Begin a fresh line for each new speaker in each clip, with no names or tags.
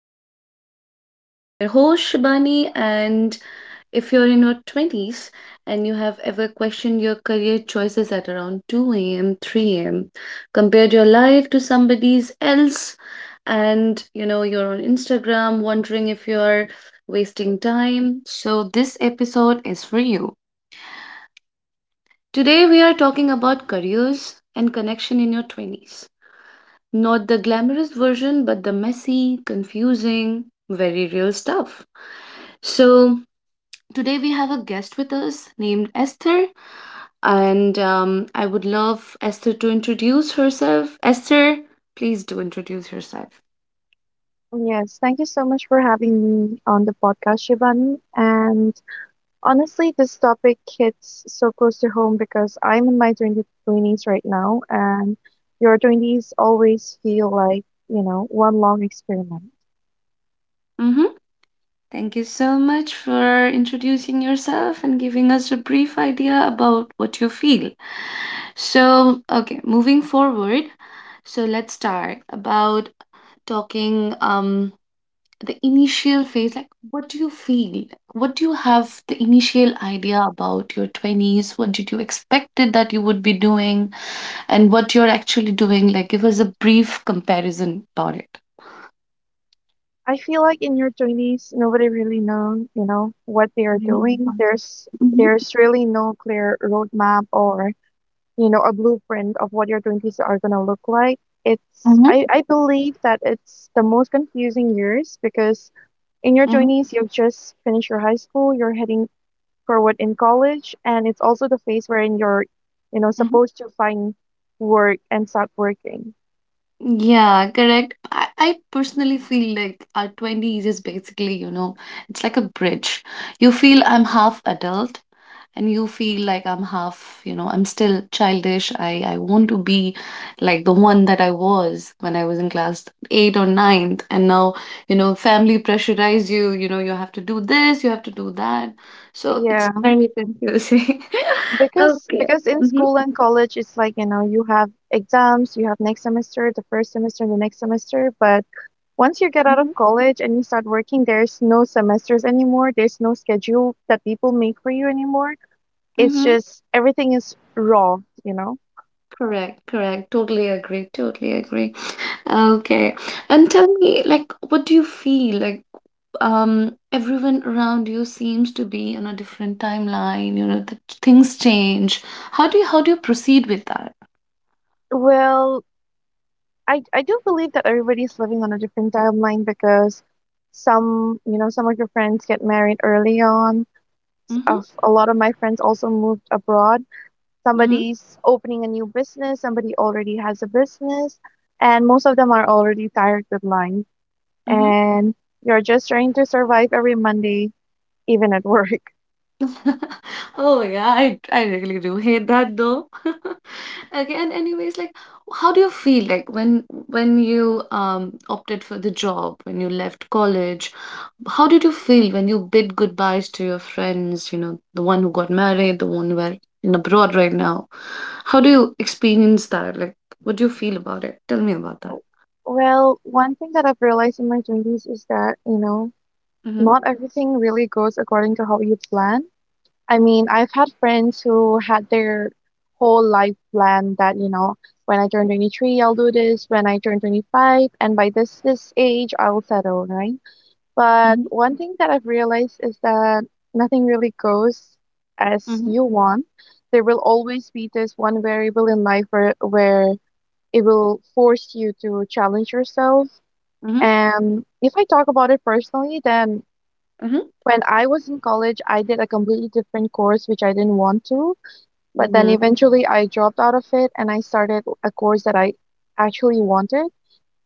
Daily Talk. I'm your host Shabani, and if you're in your 20s and you have ever questioned your career choices at around 2 a.m., 3 a.m., compared your life to somebody's else, and you're on Instagram wondering if you're wasting time, so this episode is for you. Today, we are talking about careers and connection in your 20s. Not the glamorous version, but the messy, confusing, very real stuff. So, today we have a guest with us named Esther, and I would love Esther to introduce herself. Esther, please do introduce yourself.
Yes, thank you so much for having me on the podcast, Shivani. And honestly, this topic hits so close to home because I'm in my 20s right now, and your 20s always feel like one long experiment.
Mm-hmm. Thank you so much for introducing yourself and giving us a brief idea about what you feel. So, okay, moving forward. So, let's start about talking. The initial phase, like what do you feel like, what do you have the initial idea about your 20s? What did you expected that you would be doing and what you're actually doing? Like give us a brief comparison about it.
I feel like in your 20s, nobody really know what they are
Mhm.
doing. There's
Hmm.
there's really no clear roadmap or a blueprint of what your 20s are going to look like. It's,
Hmm.
I, I believe that it's the most confusing years because in your
Mm-hmm.
20s, you've just finished your high school, you're heading forward in college, and it's also the phase wherein you're supposed to find work and start working.
Yeah, correct. I personally feel like our 20s is basically, you know, it's like a bridge. You feel I'm half adult and you feel like I'm half, you know, I'm still childish. I want to be like the one that I was when I was in class eight or ninth. And now, you know, family pressurize you, you know, you have to do this, you have to do that. So
Yeah.
it's very confusing.
Because
Okay.
because in
Mm-hmm.
school and college it's like, you have exams, you have next semester, the first semester, and the next semester, but once you get out of college and you start working, there's no semesters anymore. There's no schedule that people make for you anymore. It's
Mm-hmm.
just everything is raw, you know?
Correct, correct. Totally agree. Totally agree. Okay. And tell me, like, what do you feel? Like, everyone around you seems to be on a different timeline, you know, that things change. How do you, how do you proceed with that?
Well, I do believe that everybody's living on a different timeline because some of your friends get married early on.
Mm-hmm.
A lot of my friends also moved abroad.
Mm-hmm.
Somebody's opening a new business, somebody already has a business, and most of them are already tired with life.
Mm-hmm.
And you're just trying to survive every Monday, even at work.
Oh yeah, I really do hate that though. Okay, and anyways, like how do you feel like when when you opted for the job, when you left college, how did you feel when you bid goodbyes to your friends, you know, the one who got married, the one who are in abroad right now? How do you experience that? Like what do you feel about it? Tell me about that.
Well, one thing that I've realized in my 20s is that
Mm-hmm.
not everything really goes according to how you plan. I mean, I've had friends who had their whole life plan that when I turn 23, I'll do this, when I turn 25, and by this age, I'll settle, right? But
Mm-hmm.
one thing that I've realized is that nothing really goes as you want. There will always be this one variable in life where it will force you to challenge yourself.
Mm-hmm.
And if I talk about it personally, then
Mm-hmm.
when I was in college, I did a completely different course, which I didn't want to. But then
Mm-hmm.
eventually I dropped out of it and I started a course that I actually wanted.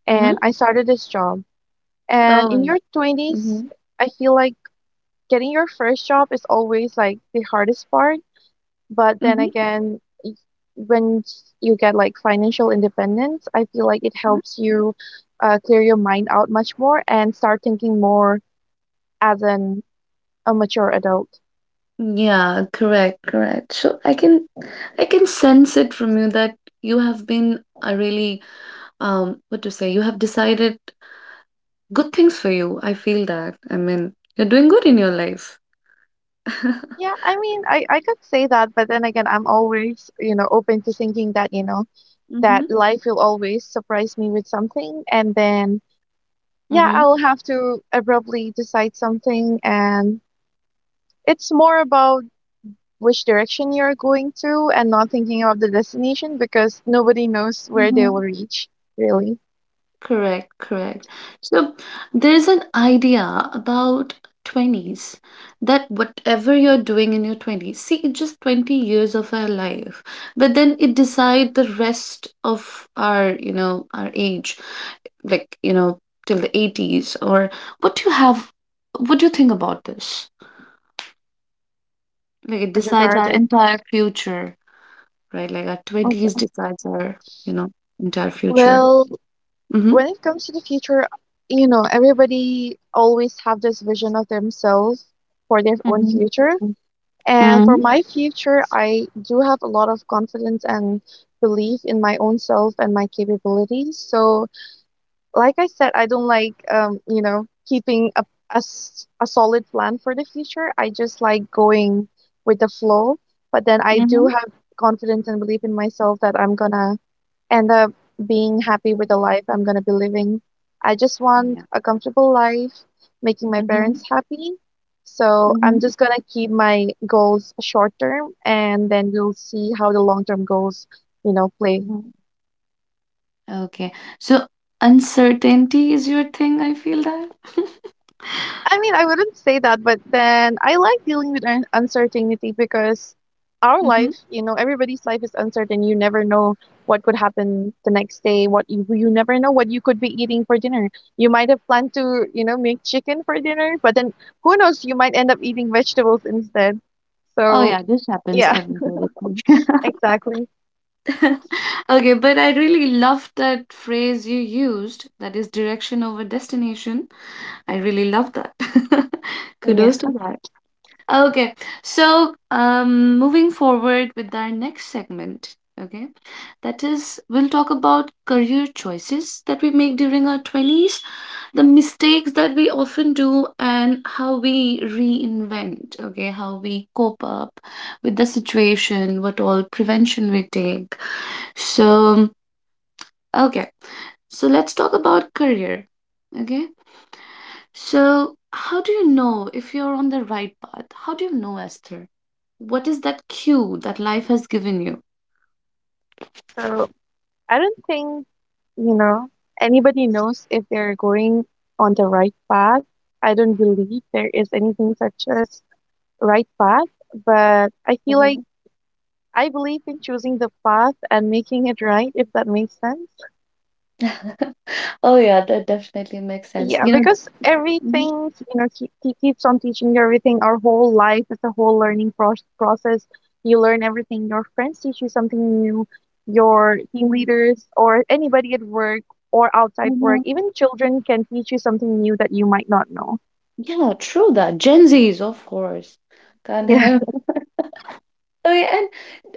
And
Mm-hmm.
I started this job. And in
Oh.
your 20s,
Mm-hmm.
I feel like getting your first job is always like the hardest part. But then
Mm-hmm.
again, when you get like financial independence, I feel like it helps you clear your mind out much more and start thinking more as an a mature adult.
Yeah, correct, correct. So I can sense it from you that you have been a really what to say, you have decided good things for you. I feel that. I mean, you're doing good in your life.
Yeah, I mean, I could say that, but then again, I'm always open to thinking that
Mm-hmm.
life will always surprise me with something. And then, yeah, I'll have to abruptly decide something. And it's more about which direction you're going to, and not thinking of the destination because nobody knows where they
Mm-hmm.
will reach, really,
Correct, correct. So there's an idea about 20s that whatever you're doing in your 20s, see, it's just 20 years of our life, but then it decide the rest of our, you know, our age, like, you know, till the 80s or what do you have, what do you think about this? Like it decides our
regarding.
entire future, right? Like our
Okay.
20s decides our, you know, entire future.
Well,
Mm-hmm.
when it comes to the future, everybody always have this vision of themselves for their own
Mm-hmm.
future. And
Mm-hmm.
for my future, I do have a lot of confidence and belief in my own self and my capabilities. So like I said, I don't like keeping a solid plan for the future. I just like going with the flow. But then I do
Mm-hmm.
have confidence and belief in myself that I'm gonna end up being happy with the life I'm gonna be living. I just
Oh, yeah.
want a comfortable life, making my
Mm-hmm.
parents happy. So
Mm-hmm.
I'm just gonna keep my goals short term and then we'll see how the long term goals play.
Mm-hmm. Okay. So uncertainty is your thing, I feel that.
I mean, I wouldn't say that, but then I like dealing with uncertainty because our
Mm-hmm.
life, everybody's life is uncertain. You never know what could happen the next day. What you never know what you could be eating for dinner. You might have planned to make chicken for dinner, but then who knows? You might end up eating vegetables instead.
Oh
So
yeah, this happens
yeah,
every day with me.
exactly.
Okay, but I really love that phrase you used, that is direction over destination. I really love that. Kudos
Yeah.
to that. Okay. So, moving forward with our next segment, okay, that is, we'll talk about career choices that we make during our 20s, the mistakes that we often do, and how we reinvent, okay, how we cope up with the situation, what all prevention we take. So, okay, so let's talk about career. Okay, so how do you know if you're on the right path? How do you know, Esther? What is that cue that life has given you?
So I don't think, you know, anybody knows if they're going on the right path. I don't believe there is anything such as right path, but I feel like
Mhm.
I believe in choosing the path and making it right, if that makes sense.
Oh yeah, that definitely makes sense.
Yeah,
You know,
because everything, he keeps on teaching you everything. Our whole life is a whole learning process. You learn everything. Your friends teach you something new. Your team leaders or anybody at work or outside work,
mhm.
even children can teach you something new that you might not know.
Yeah, true that. Gen Zs, of course, can
Yeah.
have. Oh, yeah, and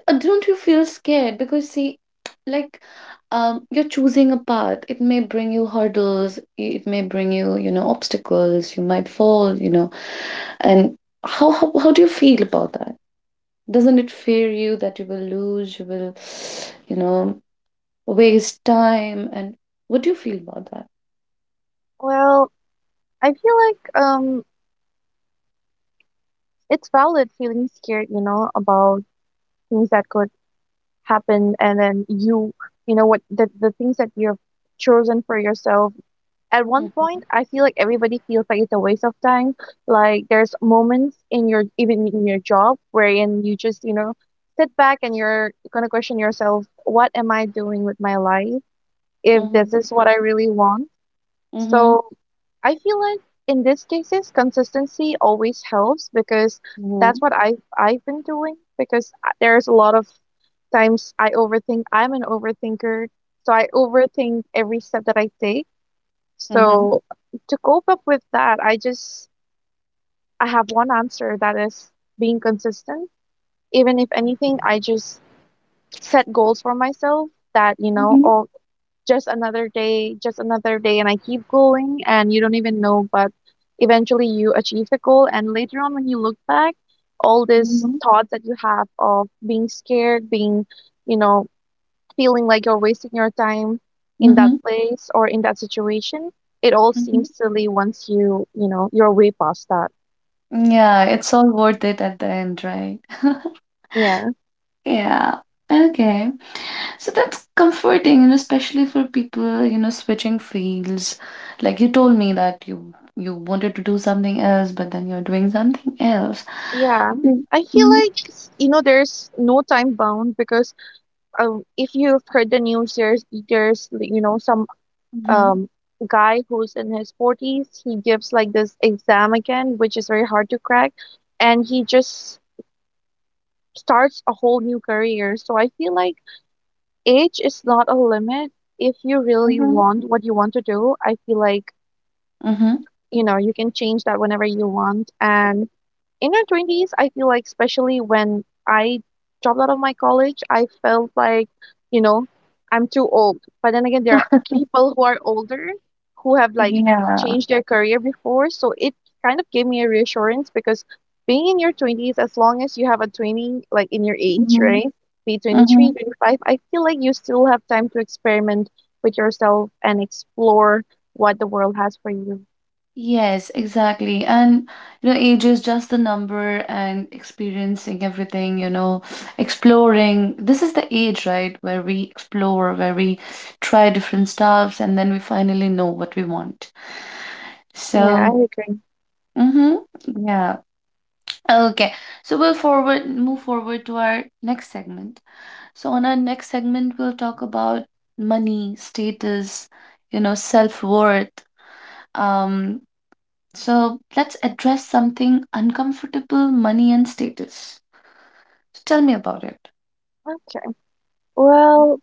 don't you feel scared? Because see, like, you're choosing a path. It may bring you hurdles. It may bring you, you know, obstacles. You might fall, you know. And how do you feel about that? Doesn't it fear you that you will lose? You will, you know, waste time. And what do you feel about that?
Well, I feel like it's valid feeling scared about things that could happen, and then you, what the things that you've chosen for yourself at one
Mhm,
point. I feel like everybody feels like it's a waste of time. Like, there's moments in your, even in your job, wherein you just sit back and you're gonna question yourself. What am I doing with my life if this
mhm,
is what I really want?
mhm,
So I feel like in these cases, consistency always helps because that's
mhm,
what I've been doing. Because there's a lot of times I overthink. I'm an overthinker, so I overthink every step that I take.
mhm,
So to cope up with that, I have one answer that is being consistent. Even if anything, I just set goals for myself that,
mhm,
oh just another day, just another day, and I keep going and you don't even know, but eventually you achieve the goal, and later on when you look back, all these
mhm,
thoughts that you have of being scared, being, you know, feeling like you're wasting your time in that
mhm,
place or in that situation. It all
mhm.
seems silly once you, you're way past that.
Yeah, it's all worth it at the end, right?
Yeah.
Yeah. Okay. So that's comforting, you know, especially for people, you know, switching fields. Like you told me that you wanted to do something else, but then you're doing something else.
Yeah. I feel
Mm-hmm.
like, there's no time bound because if you've heard the news, there's some
Mm-hmm.
um, guy who's in his 40s, he gives like this exam again, which is very hard to crack, and he just starts a whole new career. So I feel like age is not a limit. If you really want what you want to do, I feel like,
Mm-hmm.
you know, you can change that whenever you want. And in your 20s, I feel like, especially when I dropped out of my college, I felt like, you know, I'm too old. But then again, there are people who are older who have like
Yeah.
changed their career before. So it kind of gave me a reassurance because being in your 20s, as long as you have a 20, like in your age,
Mm-hmm.
right? Be 23, 25, I feel like you still have time to experiment with yourself and explore what the world has for you.
Yes, exactly. And you know, age is just the number and experiencing everything, you know, exploring. This is the age, right, where we explore, where we try different stuffs, and then we finally know what we want.
Yeah, I
So,
agree.
mm-hmm, yeah. Okay. So we'll forward move forward to our next segment. So on our next segment, we'll talk about money, status, you know, self-worth. Um, so let's address something uncomfortable, money and status. So tell me about it.
Okay. Well,
Mhm.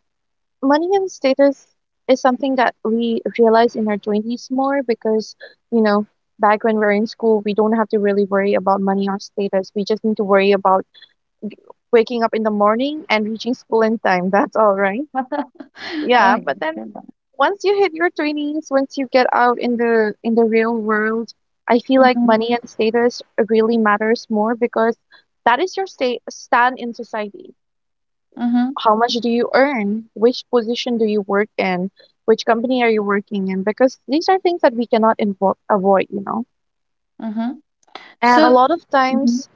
money and status is something that we realize in our 20s more because, you know, back when we're in school, we don't have to really worry about money or status. We just need to worry about waking up in the morning and reaching school in time. That's all right.
Oh,
Yeah,
yeah.
but
Well
then
done.
once you hit your 20s, once you get out in the real world, I feel like
Mhm,
money and status really matters more because that is your state stand in society.
mhm,
How much do you earn? Which position do you work in? Which company are you working in? Because these are things that we cannot avoid.
mhm.
And a
So,
lot of
mhm,
times,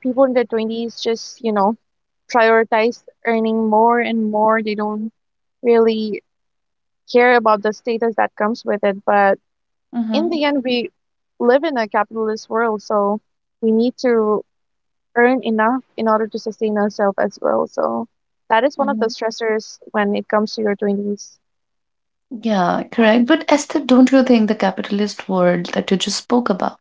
people in their 20s just prioritize earning more and more. They don't really care about the status that comes with it. But in
mhm,
the end, we live in a capitalist world, so we need to earn enough in order to sustain ourselves as well. So that is one of the
mhm.
stressors when it comes to your 20s.
Yeah, correct. But Esther, don't you think the capitalist world that you just spoke about,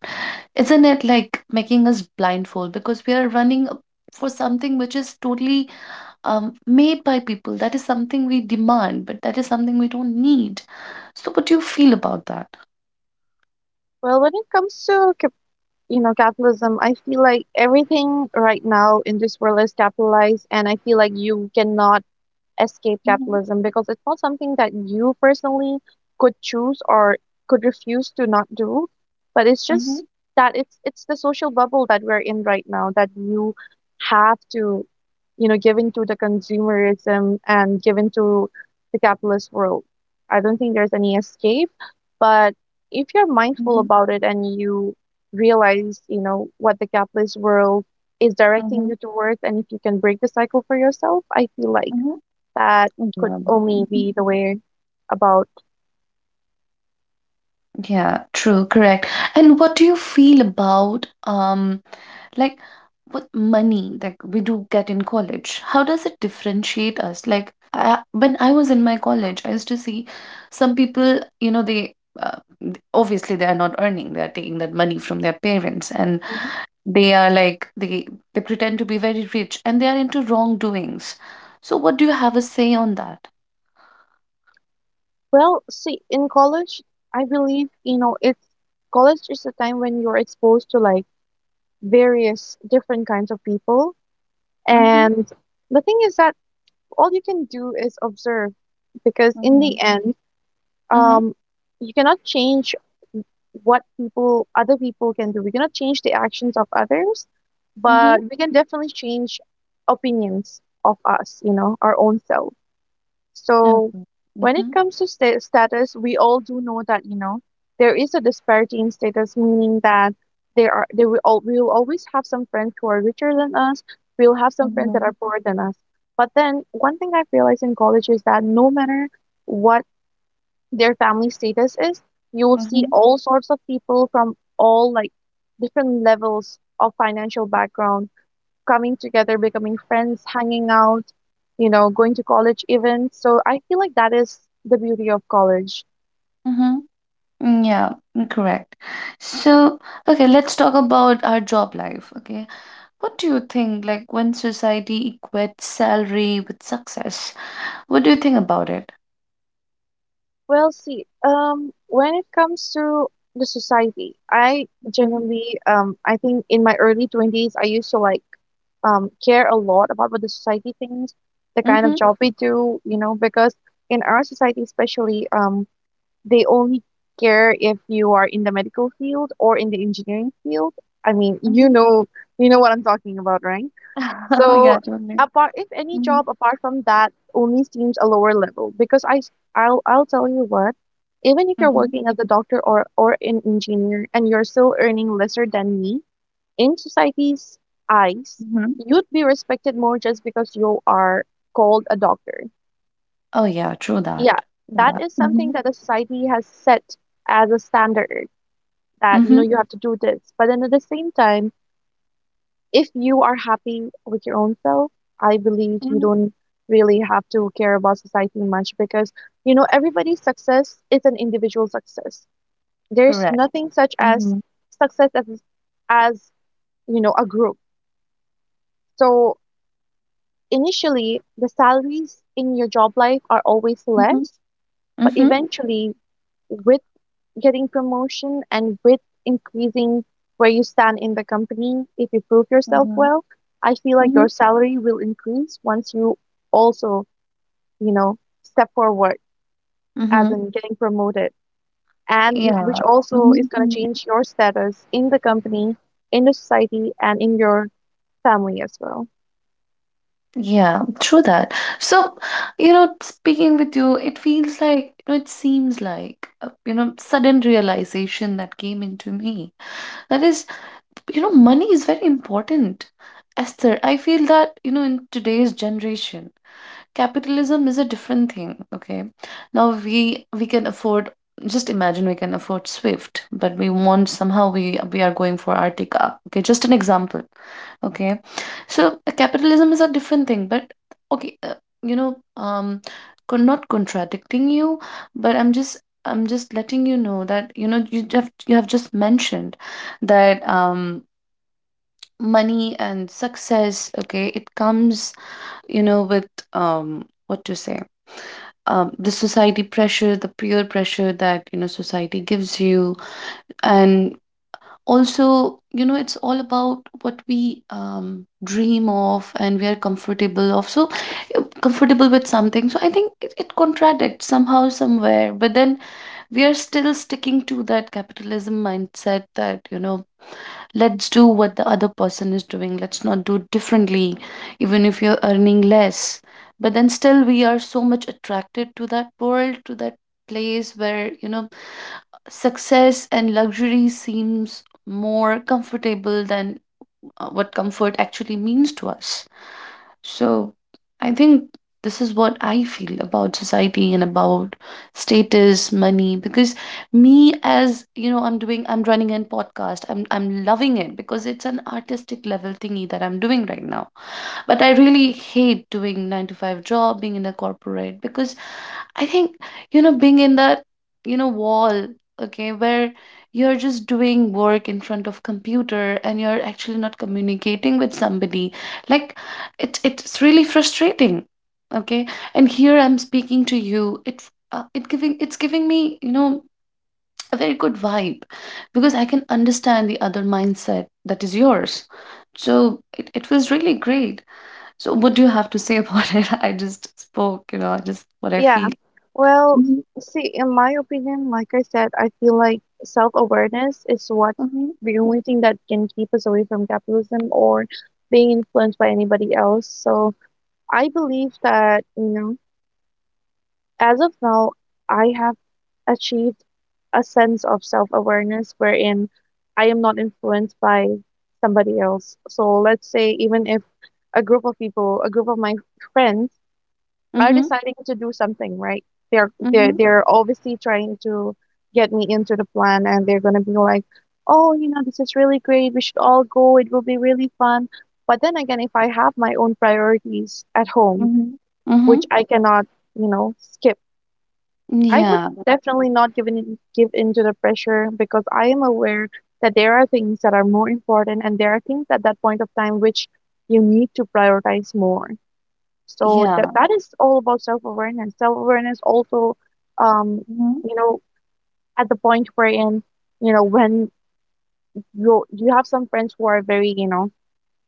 isn't it like making us blindfold because we are running for something which is totally made by people? That is something we demand, but that is something we don't need. So, what do you feel about that?
Well, when it comes to capitalism, I feel like everything right now in this world is capitalized, and I feel like you cannot escape
Mhm,
capitalism because it's not something that you personally could choose or could refuse to not do, but it's
mhm,
just that it's the social bubble that we're in right now, that you have to give into the consumerism and give into the capitalist world. I don't think there's any escape, but if you're mindful
mhm,
about it and you realize you know what the capitalist world is directing
mhm,
you towards, and if you can break the cycle for yourself, I feel like
mhm.
that could
Yeah,
only
mhm.
be the way about.
Yeah, true, correct. And what do you feel about like what money like we do get in college? How does it differentiate us? Like when I was in my college, I used to see some people, you know, they obviously they are not earning, they are taking that money from their parents and
Mhm.
they are like they pretend to be very rich and they are into wrongdoings. So what do you have a say on that?
Well, see, in college, I believe, you know, it's college is the time when you're exposed to like various different kinds of people. And the thing is that all you can do is observe because in the
Mhm.
end,
Mhm.
um, you cannot change what other people can do. We cannot change the actions of others, but
Mhm.
we can definitely change opinions of us, you know, our own self. So
Okay.
when it
Mhm.
comes to status, we all do know that, you know, there is a disparity in status, meaning that there are there will all we will always have some friends who are richer than us. We'll have some friends that are
Mhm.
poorer than us. But then one thing I've realized in college is that no matter what their family status is, you will see
Mhm.
all sorts of people from all like different levels of financial background coming together, becoming friends, hanging out, you know, going to college events. So I feel like that is the beauty of college.
Mhm. Mm, yeah, mm, correct. So, okay, let's talk about our job life. Okay. What do you think, like, when society equates salary with success? What do you think about it?
Well, see, when it comes to the society, I
Mhm.
genuinely, I think in my early 20s, I used to like care a lot about what the society thinks, the kind of
Mhm.
job we do, you know, because in our society, especially, they only care if you are in the medical field or in the engineering field. I mean,
Mhm.
you know what I'm talking about, right?
Oh,
So,
yeah, totally.
apart if any
Mhm.
job apart from that only seems a lower level because I will I s- I'll tell you what, even if you're
Mhm.
working as a doctor or an engineer and you're still earning lesser than me, in society's eyes,
Mhm.
you'd be respected more just because you are called a doctor.
Oh, yeah, true that.
Yeah,
True
that
that.
is
Mm-hmm.
something that the society has set as a standard that, you know,
Mm-hmm.
you have to do this. But then at the same time, if you are happy with your own self, I believe you
Mm-hmm.
don't really have to care about society much because, you know, everybody's success is an individual success. There's
Correct.
nothing such as
Mm-hmm.
success as you know, a group. So initially, the salaries in your job life are always
Mm-hmm.
less, but
Mm-hmm.
eventually, with getting promotion and with increasing where you stand in the company, if you prove yourself
Mm-hmm.
well, I feel like your salary will increase once you also, you know, step forward as
Mm-hmm.
in getting promoted and in, which
Yeah.
also is
Mhm,
going
mhm.
to change your status in the company, in the society and in your family as well.
Yeah, true that. So, you know, speaking with you, it feels like, you know, it seems like, you know, sudden realization that came into me. That is, you know, money is very important. Esther, I feel that, you know, in today's generation, capitalism is a different thing. Okay, now we can afford, just imagine, we can afford Swift, but we want, somehow we are going for Artica. Okay, just an example. Okay, so capitalism is a different thing, but okay, you know, um not contradicting you, but I'm just letting you know that, you know, you have, you have just mentioned that money and success, okay, it comes, you know, with what to say, the society pressure, the peer pressure that you know society gives you, and also you know it's all about what we dream of and we are comfortable of. So comfortable with something. So I think it contradicts somehow somewhere, but then we are still sticking to that capitalism mindset that you know let's do what the other person is doing, let's not do it differently even if you're earning less, but then still we are so much attracted to that world, to that place where you know success and luxury seems more comfortable than what comfort actually means to us. So I think this is what I feel about society and about status, money, because me as you know, I'm doing, I'm running a podcast. I'm loving it because it's an artistic level thingy that I'm doing right now. But I really hate doing 9 to 5 job, being in a corporate, because I think, you know, being in that, you know, wall, okay, where you're just doing work in front of computer and you're actually not communicating with somebody, like it's really frustrating. Okay, and here I'm speaking to you, it's it's giving me, you know, a very good vibe because I can understand the other mindset, that is yours. So it was really great. So what do you have to say about it? I just spoke, you know, I just what I
Yeah.
feel.
Well,
Mm-hmm,
see, in my opinion, like I said, I feel like self-awareness is what
mm-hmm,
the only thing that can keep us away from capitalism or being influenced by anybody else. So I believe that, you know, as of now, I have achieved a sense of self-awareness wherein I am not influenced by somebody else. So let's say even if a group of people, a group of my friends are
mm-hmm,
deciding to do something, right? They're obviously trying to get me into the plan, and they're gonna be like, "Oh, you know, this is really great. We should all go. It will be really fun." But then again, if I have my own priorities at home,
mm-hmm, mm-hmm.
which I cannot, you know, skip, I would
Yeah,
definitely not give into the pressure because I am aware that there are things that are more important, and there are things at that point of time which you need to prioritize more. So
yeah.
that is all about self-awareness. Self-awareness also, um,
Mhm,
you know, at the point wherein, you know, when you have some friends who are very, you know,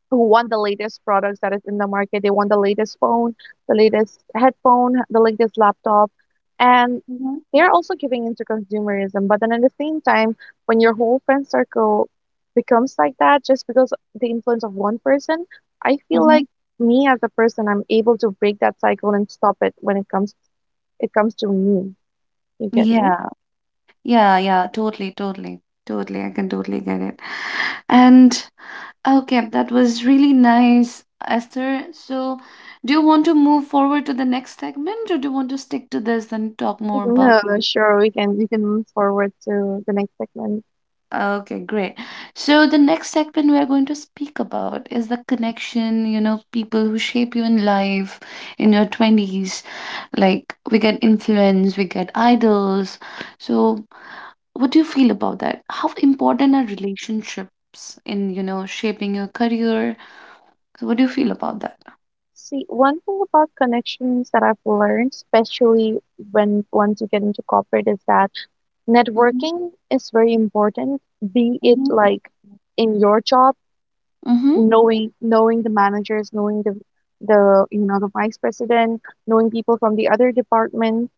who want the latest products that is in the market. They want the latest phone, the latest headphone, the latest laptop, and
mhm,
they're also giving into consumerism. But then at the same time, when your whole friend circle becomes like that, just because the influence of one person, I feel like
mhm.
me as a person, I'm able to break that cycle and stop it when it comes to me. You get me?
Yeah, yeah, yeah. Totally, totally, totally. I can totally get it. And okay, that was really nice, Esther. So, do you want to move forward to the next segment, or do you want to stick to this and talk more about?
No, no, sure. We can move forward to the next segment.
Okay, great. So the next segment we are going to speak about is the connection, you know, people who shape you in life in your twenties. Like we get influence, we get idols. So what do you feel about that? How important are relationships in, you know, shaping your career? So what do you feel about that?
See, one thing about connections that I've learned, especially when once you get into corporate, is that
Mm-hmm.
networking is very important, be it
Mm-hmm.
like in your job,
Mm-hmm.
knowing the managers, knowing the you know the vice president, knowing people from the other department,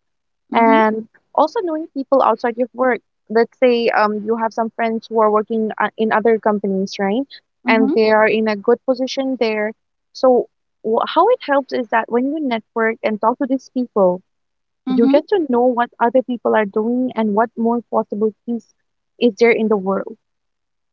Mm-hmm.
and also knowing people outside your work. Let's say you have some friends who are working in other companies, right? And
Mm-hmm.
they are in a good position there. So, how it helps is that when you network and talk to these people, you get
Mm-hmm.
to know what other people are doing and what more possibilities is there in the world.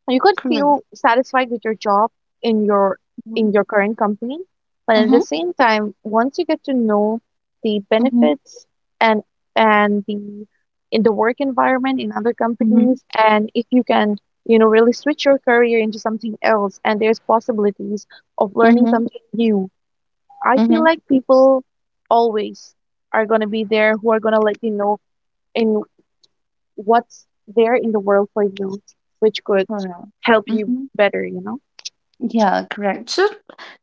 You could
Correct.
feel satisfied with your job in
Mm-hmm.
your current company, but at the
Mm-hmm.
same time, once you get to know the
Mm-hmm.
benefits and and the work environment in other companies, and if you can, you know, really switch your career into something else, and there's possibilities of learning
Mm-hmm.
something new. I feel
Mm-hmm.
like people always are going to be there who are going to let you know in what's there in the world for you, which could
Correct.
help you
Mm-hmm.
better, you know?
Yeah, correct. So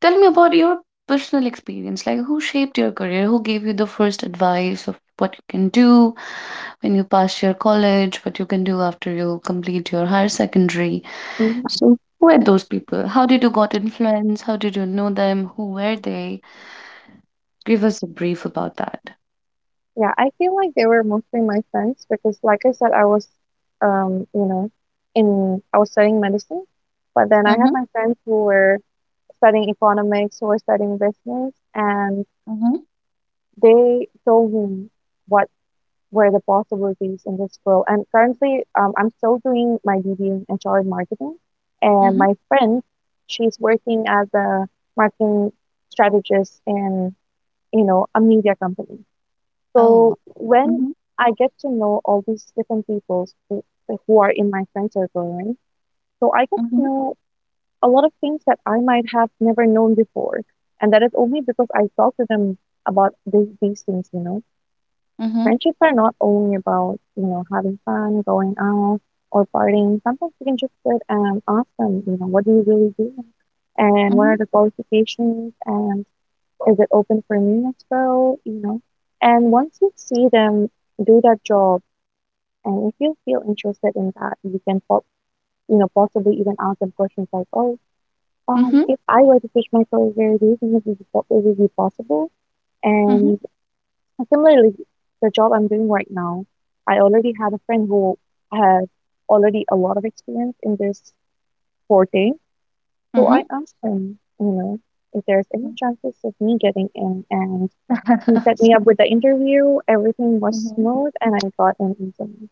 tell me about your personal experience. Like, who shaped your career? Who gave you the first advice of what you can do when you pass your college, what you can do after you complete your higher secondary?
Mhm.
So, who were those people? How did you got influence? How did you know them? Who were they? Give us a brief about that.
Yeah, I feel like they were mostly my friends because, like I said, I was, you know, in I was studying medicine, but then I had
Mm-hmm.
my friends who were studying economics, who were studying business, and
Mm-hmm.
they told me what were the possibilities in this field. And currently, I'm still doing my BB in HR and marketing. And
Mm-hmm.
my friend, she's working as a marketing strategist in, you know, a media company.
Oh.
So when
Mm-hmm.
I get to know all these different people who are in my friend circle, right? So I get to
Mm-hmm.
know a lot of things that I might have never known before. And that is only because I talk to them about these things, you know
Mm-hmm.
friendships are not only about, you know, having fun, going out, or partying. Sometimes you can just sit and ask them, you know, what do you really do? And what
Mm-hmm.
are the qualifications? And is it open for me as well? You know, and once you see them do that job, and if you feel interested in that, you can, you know, possibly even ask them questions like, oh,
Mm-hmm.
if I were to switch my career, do you think this would be possible? And similarly, the job I'm doing right now, I already had a friend who has already a lot of experience in this forte. So I
Mm-hmm.
asked him, you know, if there's any
Mm-hmm.
chances of me getting in, and he set me up with the interview. Everything was
Mhm.
smooth, and I got in easily.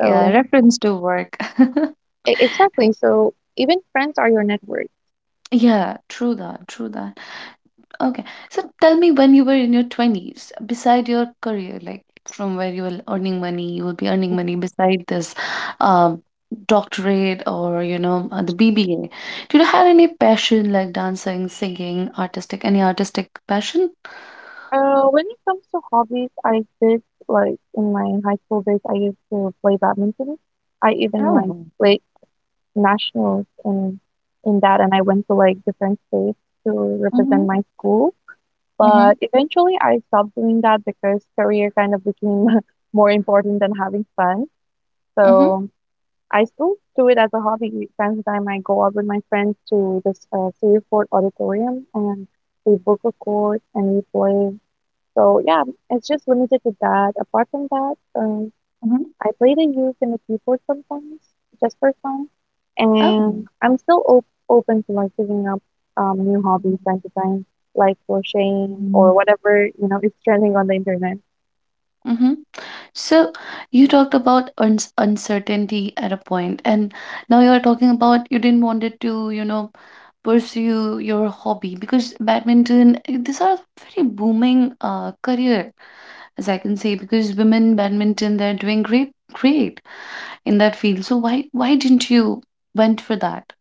Yeah, reference to work.
exactly. So even friends are your network.
Yeah, true that, true that. Okay, so tell me when you were in your twenties, beside your career, like from where you were earning money, you will be earning
Mhm.
money beside this um, doctorate or, you know, the BBA. Did you have any passion like dancing, singing, artistic, any artistic passion?
When it comes to hobbies, I did like in my high school days, I used to play badminton. I even like
Oh.
play nationals in that, and I went to like different states to
Mm-hmm,
represent my school.
mm-hmm,
But eventually, I stopped doing that because career kind of became more important than having fun.
mm-hmm,
So I still do it as a hobby. Time to time, I go out with my friends to this Seaford Auditorium and we book a court and we play. So yeah, it's just limited to that. Apart from that, um,
mm-hmm.
I play the uke and the keyboard sometimes, just for fun, and
Oh.
I'm still op open to like picking up new hobbies time to time, like crocheting or
Mm.
whatever, you know, is trending on the internet.
Mm-hmm. So you talked about uns uncertainty at a point, and now you are talking about you didn't wanted to, you know, pursue your hobby because badminton these are very booming career as I can say because women badminton they're doing great in that field. So why didn't you went for that?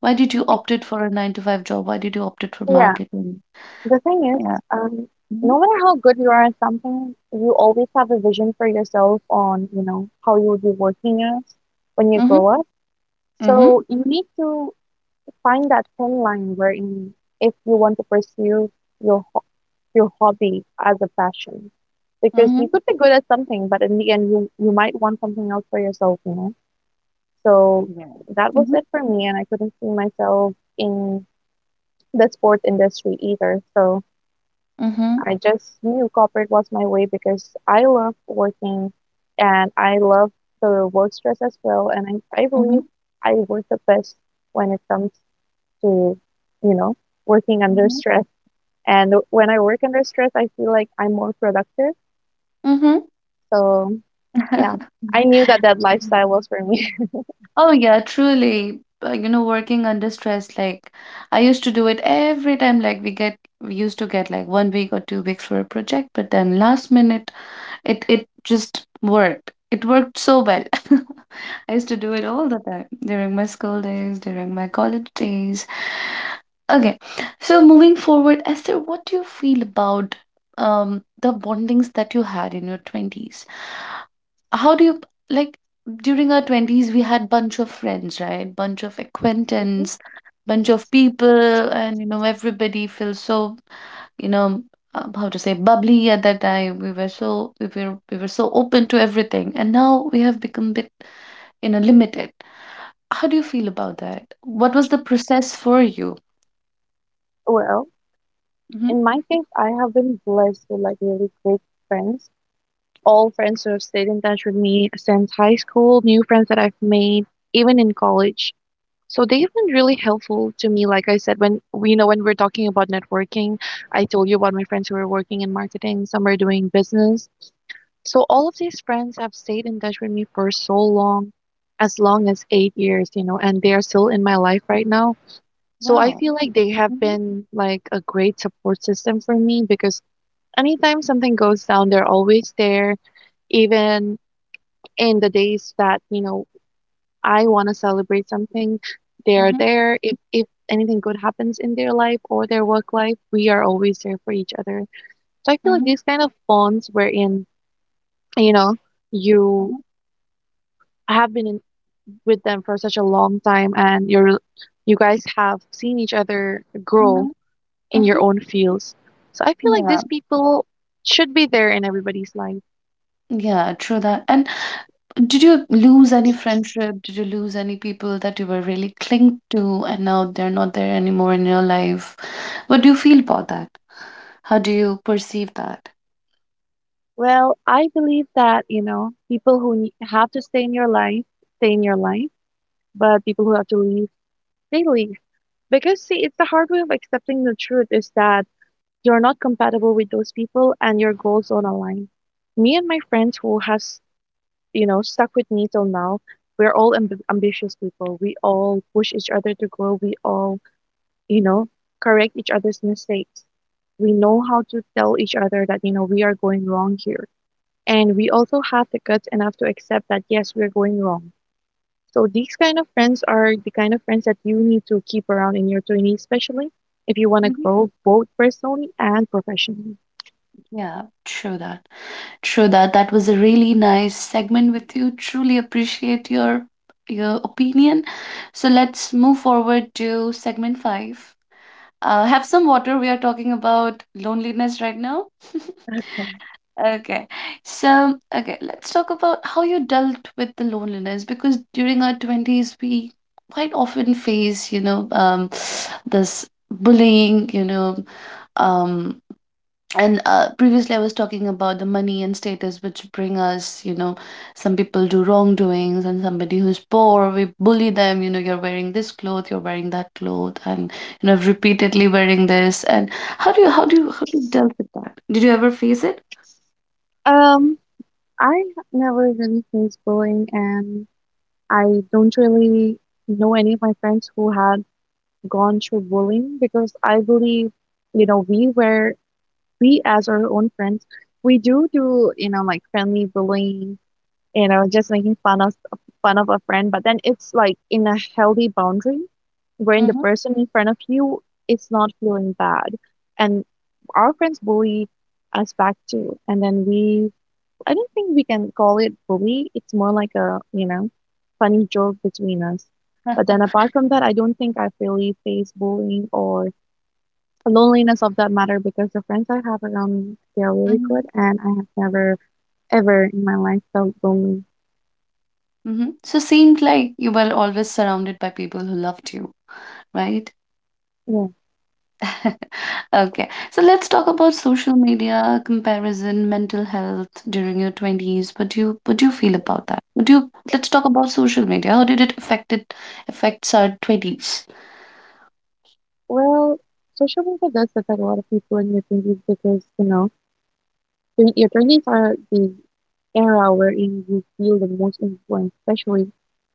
Why did you
Y-
opted for a nine to five job? Why did you opted for
Yeah,
marketing?
the thing is,
Yeah.
um,
Mm-hmm.
no matter how good you are at something, you always have a vision for yourself on, you know, how you would be working as when you
Mm-hmm.
grow up.
Mm-hmm.
So you need to find that thin line wherein if you want to pursue your your hobby as a passion because you
Mm-hmm.
could be good at something, but in the end, you might want something else for yourself, you know. So
Yeah.
that was
Mm-hmm.
it for me, and I couldn't see myself in the sport industry either. So
Mm-hmm.
I just knew corporate was my way because I love working, and I love the work stress as well. And I
Mm-hmm.
believe I work the best when it comes to you know working under stress. And when I work under stress, I feel like I'm more productive.
Mm-hmm.
So, yeah, I knew that lifestyle
Mhm.
was for me.
Oh yeah, truly. You know, working under stress, like I used to do it every time. Like we used to get like 1 week or 2 weeks for a project, but then last minute, it just worked. It worked so well. I used to do it all the time during my school days, during my college days. Okay, so moving forward, Esther, what do you feel about um the bondings that you had in your twenties? How do you, like, during our twenties we had bunch of friends, right? Bunch of
Mhm.
acquaintance, bunch of people, and, you know, everybody feels so, you know, how to say, bubbly. At that time we were so, we were so open to everything, and now we have become bit, you know, limited. How do you feel about that? What was the process for you?
Well,
Hmm.
in my case, I have been blessed with like really great friends. All friends who have stayed in touch with me since high school, new friends that I've made, even in college. So they've been really helpful to me. Like I said, when we you know when we're talking about networking, I told you about my friends who are working in marketing, some are doing business. So all of these friends have stayed in touch with me for so long as 8 years, and they are still in my life right now. So I
Wow.
feel like they have
Hmm.
been like a great support system for me because anytime something goes down, they're always there. Even in the days that, I want to celebrate something, they're
Hmm.
there. If anything good happens in their life or their work life, we are always there for each other. So I feel like
Hmm.
these kind of bonds wherein, you know, you
Hmm.
have been in, with them for such a long time and you guys have seen each other grow
Hmm.
in your
Hmm.
own fields. So I feel like
Yeah.
these people should be there in everybody's life.
Yeah, true that. And did you lose any friendship? Did you lose any people that you were really clinged to and now they're not there anymore in your life? What do you feel about that? How do you perceive that?
Well, I believe that, people who have to stay in your life, stay in your life, but people who have to leave, they leave. Because, see, it's the hard way of accepting the truth is that you're not compatible with those people and your goals don't align. Me and my friends who has, stuck with me till now, we're all ambitious people. We all push each other to grow. We all, you know, correct each other's mistakes. We know how to tell each other that, we are going wrong here. And we also have the guts enough to accept that, yes, we're going wrong. So these kind of friends are the kind of friends that you need to keep around in your 20s, especially if you want to
Hmm.
grow both personally and professionally.
Yeah, true that. True that. That was a really nice segment with you. Truly appreciate your opinion. So let's move forward to segment five. Have some water. We are talking about loneliness right now.
Okay.
Okay. So, okay, let's talk about how you dealt with the loneliness because during our twenties, we quite often face, you know, this bullying, you know, um, and previously I was talking about the money and status which bring us, you know, some people do wrongdoings and somebody who's poor, we bully them, you know, you're wearing this cloth, you're wearing that cloth, and, you know, repeatedly wearing this. And how do you dealt with that? Did you ever face it?
Um, I never really faced bullying, and I don't really know any of my friends who had gone through bullying because I believe, you know, we were we as our own friends, we do, like friendly bullying, just making fun of a friend, but then it's like in a healthy boundary wherein the person in front of you is not feeling bad. And our friends bully us back too. And then I don't think we can call it bully. It's more like a, funny joke between us. But then apart from that, I don't think I've really faced bullying or the loneliness of that matter because the friends I have around me, they are really good,
Mhm,
and I have never, ever in my life felt lonely.
mhm. So seemed like you were always surrounded by people who loved you, right?
Yeah.
Okay. So let's talk about social media comparison, mental health during your twenties. What do you feel about that? What do you Let's talk about social media. How did it affects our twenties?
Well, social media does affect a lot of people in their 20s because, your 20s are the era wherein you feel the most influence, especially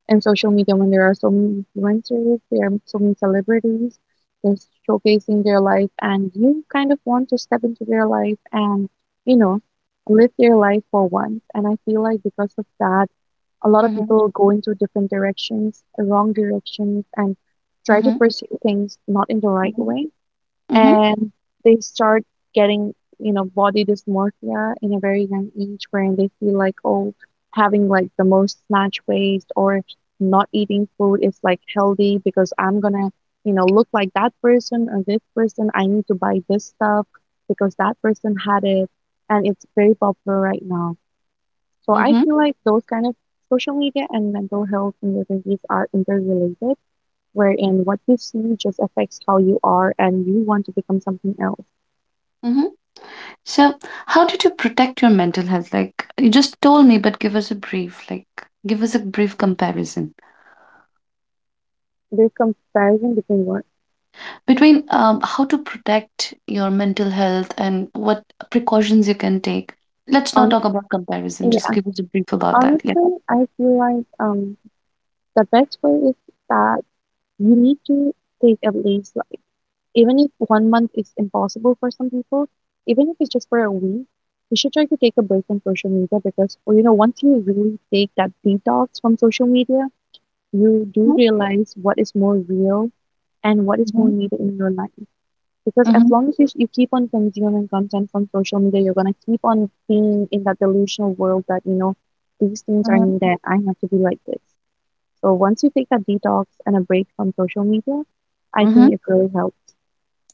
in social media when there are so many influencers, there are so many celebrities, they're showcasing their life, and you kind of want to step into their life and, you know, live their life for once. And I feel like because of that, a lot of
Mhm,
people go into different directions, wrong directions, and try to
mhm,
pursue things not in the right
mhm,
way
mhm,
and they start getting body dysmorphia in a very young age where they feel like, oh, having like the most snatch waist or not eating food is like healthy because I'm gonna look like that person or this person. I need to buy this stuff because that person had it and it's very popular right now. So I
mhm,
feel like those kind of social media and mental health and the disease are interrelated, wherein what you see just affects how you are and you want to become something else.
mhm. So how did you protect your mental health? Like you just told me, but give us a brief, like give us a brief comparison
There's comparison between work.
between how to protect your mental health and what precautions you can take. Let's not
Honest,
talk about comparison. Just
yeah.
give us a brief about that. Yeah.
Honestly, I feel like the best way is that you need to take at least like even if one month is impossible for some people, even if it's just for a week, you should try to take a break from social media because well, once you really take that detox from social media, you do
Mm-hmm.
realize what is more real and what is more
Mm-hmm.
needed in your life. Because as
Mm-hmm.
long as you keep on consuming content from social media, you're gonna keep on being in that delusional world that, these things are
Mm-hmm.
needed. I have to be like this. So once you take that detox and a break from social media, I
Mm-hmm.
think it really helps.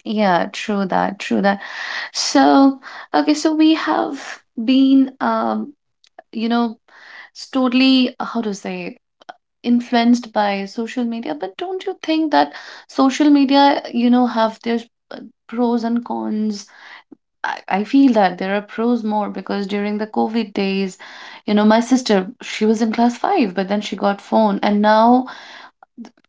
Yeah, true that, true that. So, okay, so we have been, you know, totally, how to say, influenced by social media, but don't you think that social media, you know, have their uh, pros and cons? I feel that there are pros more because during the COVID days, you know, my sister, she was in class five, but then she got phone, and now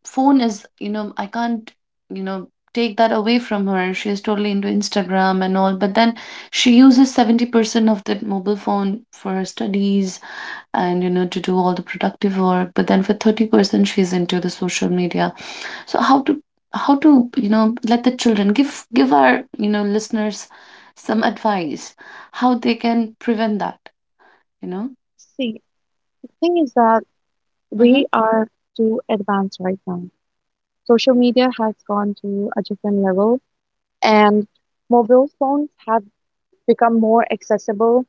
phone is, you know, I can't, you know, take that away from her. She is totally into Instagram and all, but then she uses 70% of that mobile phone for her studies and, you know, to do all the productive work, but then for 30% she's into the social media. So how to, you know, let the children, give, give our, you know, listeners some advice how they can prevent that, you know.
See, the thing is that
Mm-hmm,
we are too advanced right now. Social media has gone to a different level, and mobile phones have become more accessible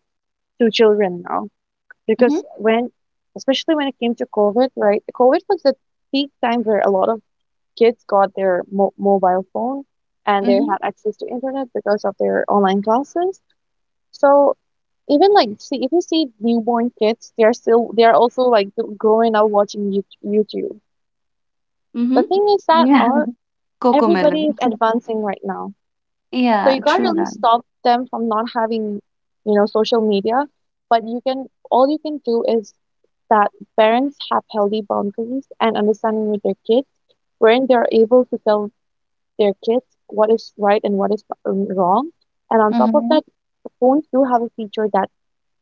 to children now.
mm-hmm,
Because when especially when it came to COVID, right? COVID was the peak time where a lot of kids got their mo mobile phone and they
mm-hmm,
had access to internet because of their online classes. So even like see if you see newborn kids, they are also like growing up watching YouTube.
mm-hmm.
The thing is that
Yeah.
our
Cocomelon.
everybody is advancing right now. So
Yeah,
you can't
true
really
that.
stop them from not having, social media, but you can all you can do is that parents have healthy boundaries and understanding with their kids, wherein they're able to tell their kids what is right and what is wrong. And on top of
Mhm,
that, phones do have a feature that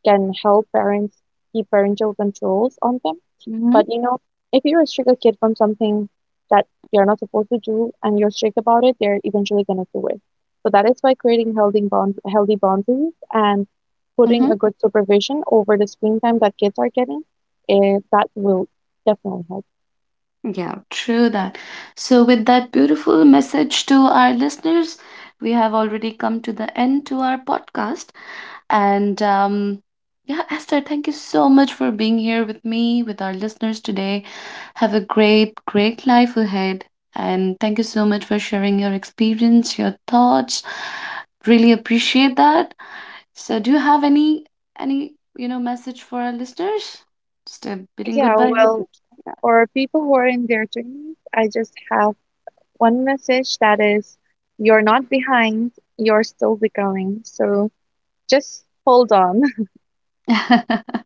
can help parents keep parental controls on them.
mhm,
But if you restrict a kid from something that they're not supposed to do and you're strict about it, they're eventually gonna do it. So that is why creating healthy boundaries and putting
mhm.
a good supervision over the screen time that kids are getting, that will definitely help.
Yeah, true that. So, with that beautiful message to our listeners, we have already come to the end to our podcast. And yeah, Esther, thank you so much for being here with me, with our listeners today. Have a great, great life ahead. And thank you so much for sharing your experience, your thoughts. Really appreciate that. So, do you have any you know message for our listeners? Just a bidding
Yeah,
goodbye
well,
message.
for people who are in their 20s, I just have one message that is you're not behind, you're still becoming. So just hold on
Yeah.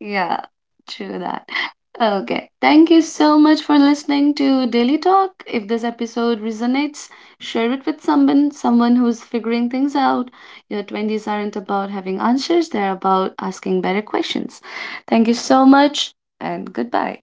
Yeah. True that. Okay. Thank you so much for listening to Daily Talk. If this episode resonates, share it with someone who's figuring things out. Your twenties aren't about having answers; they're about asking better questions. Thank you so much, and goodbye.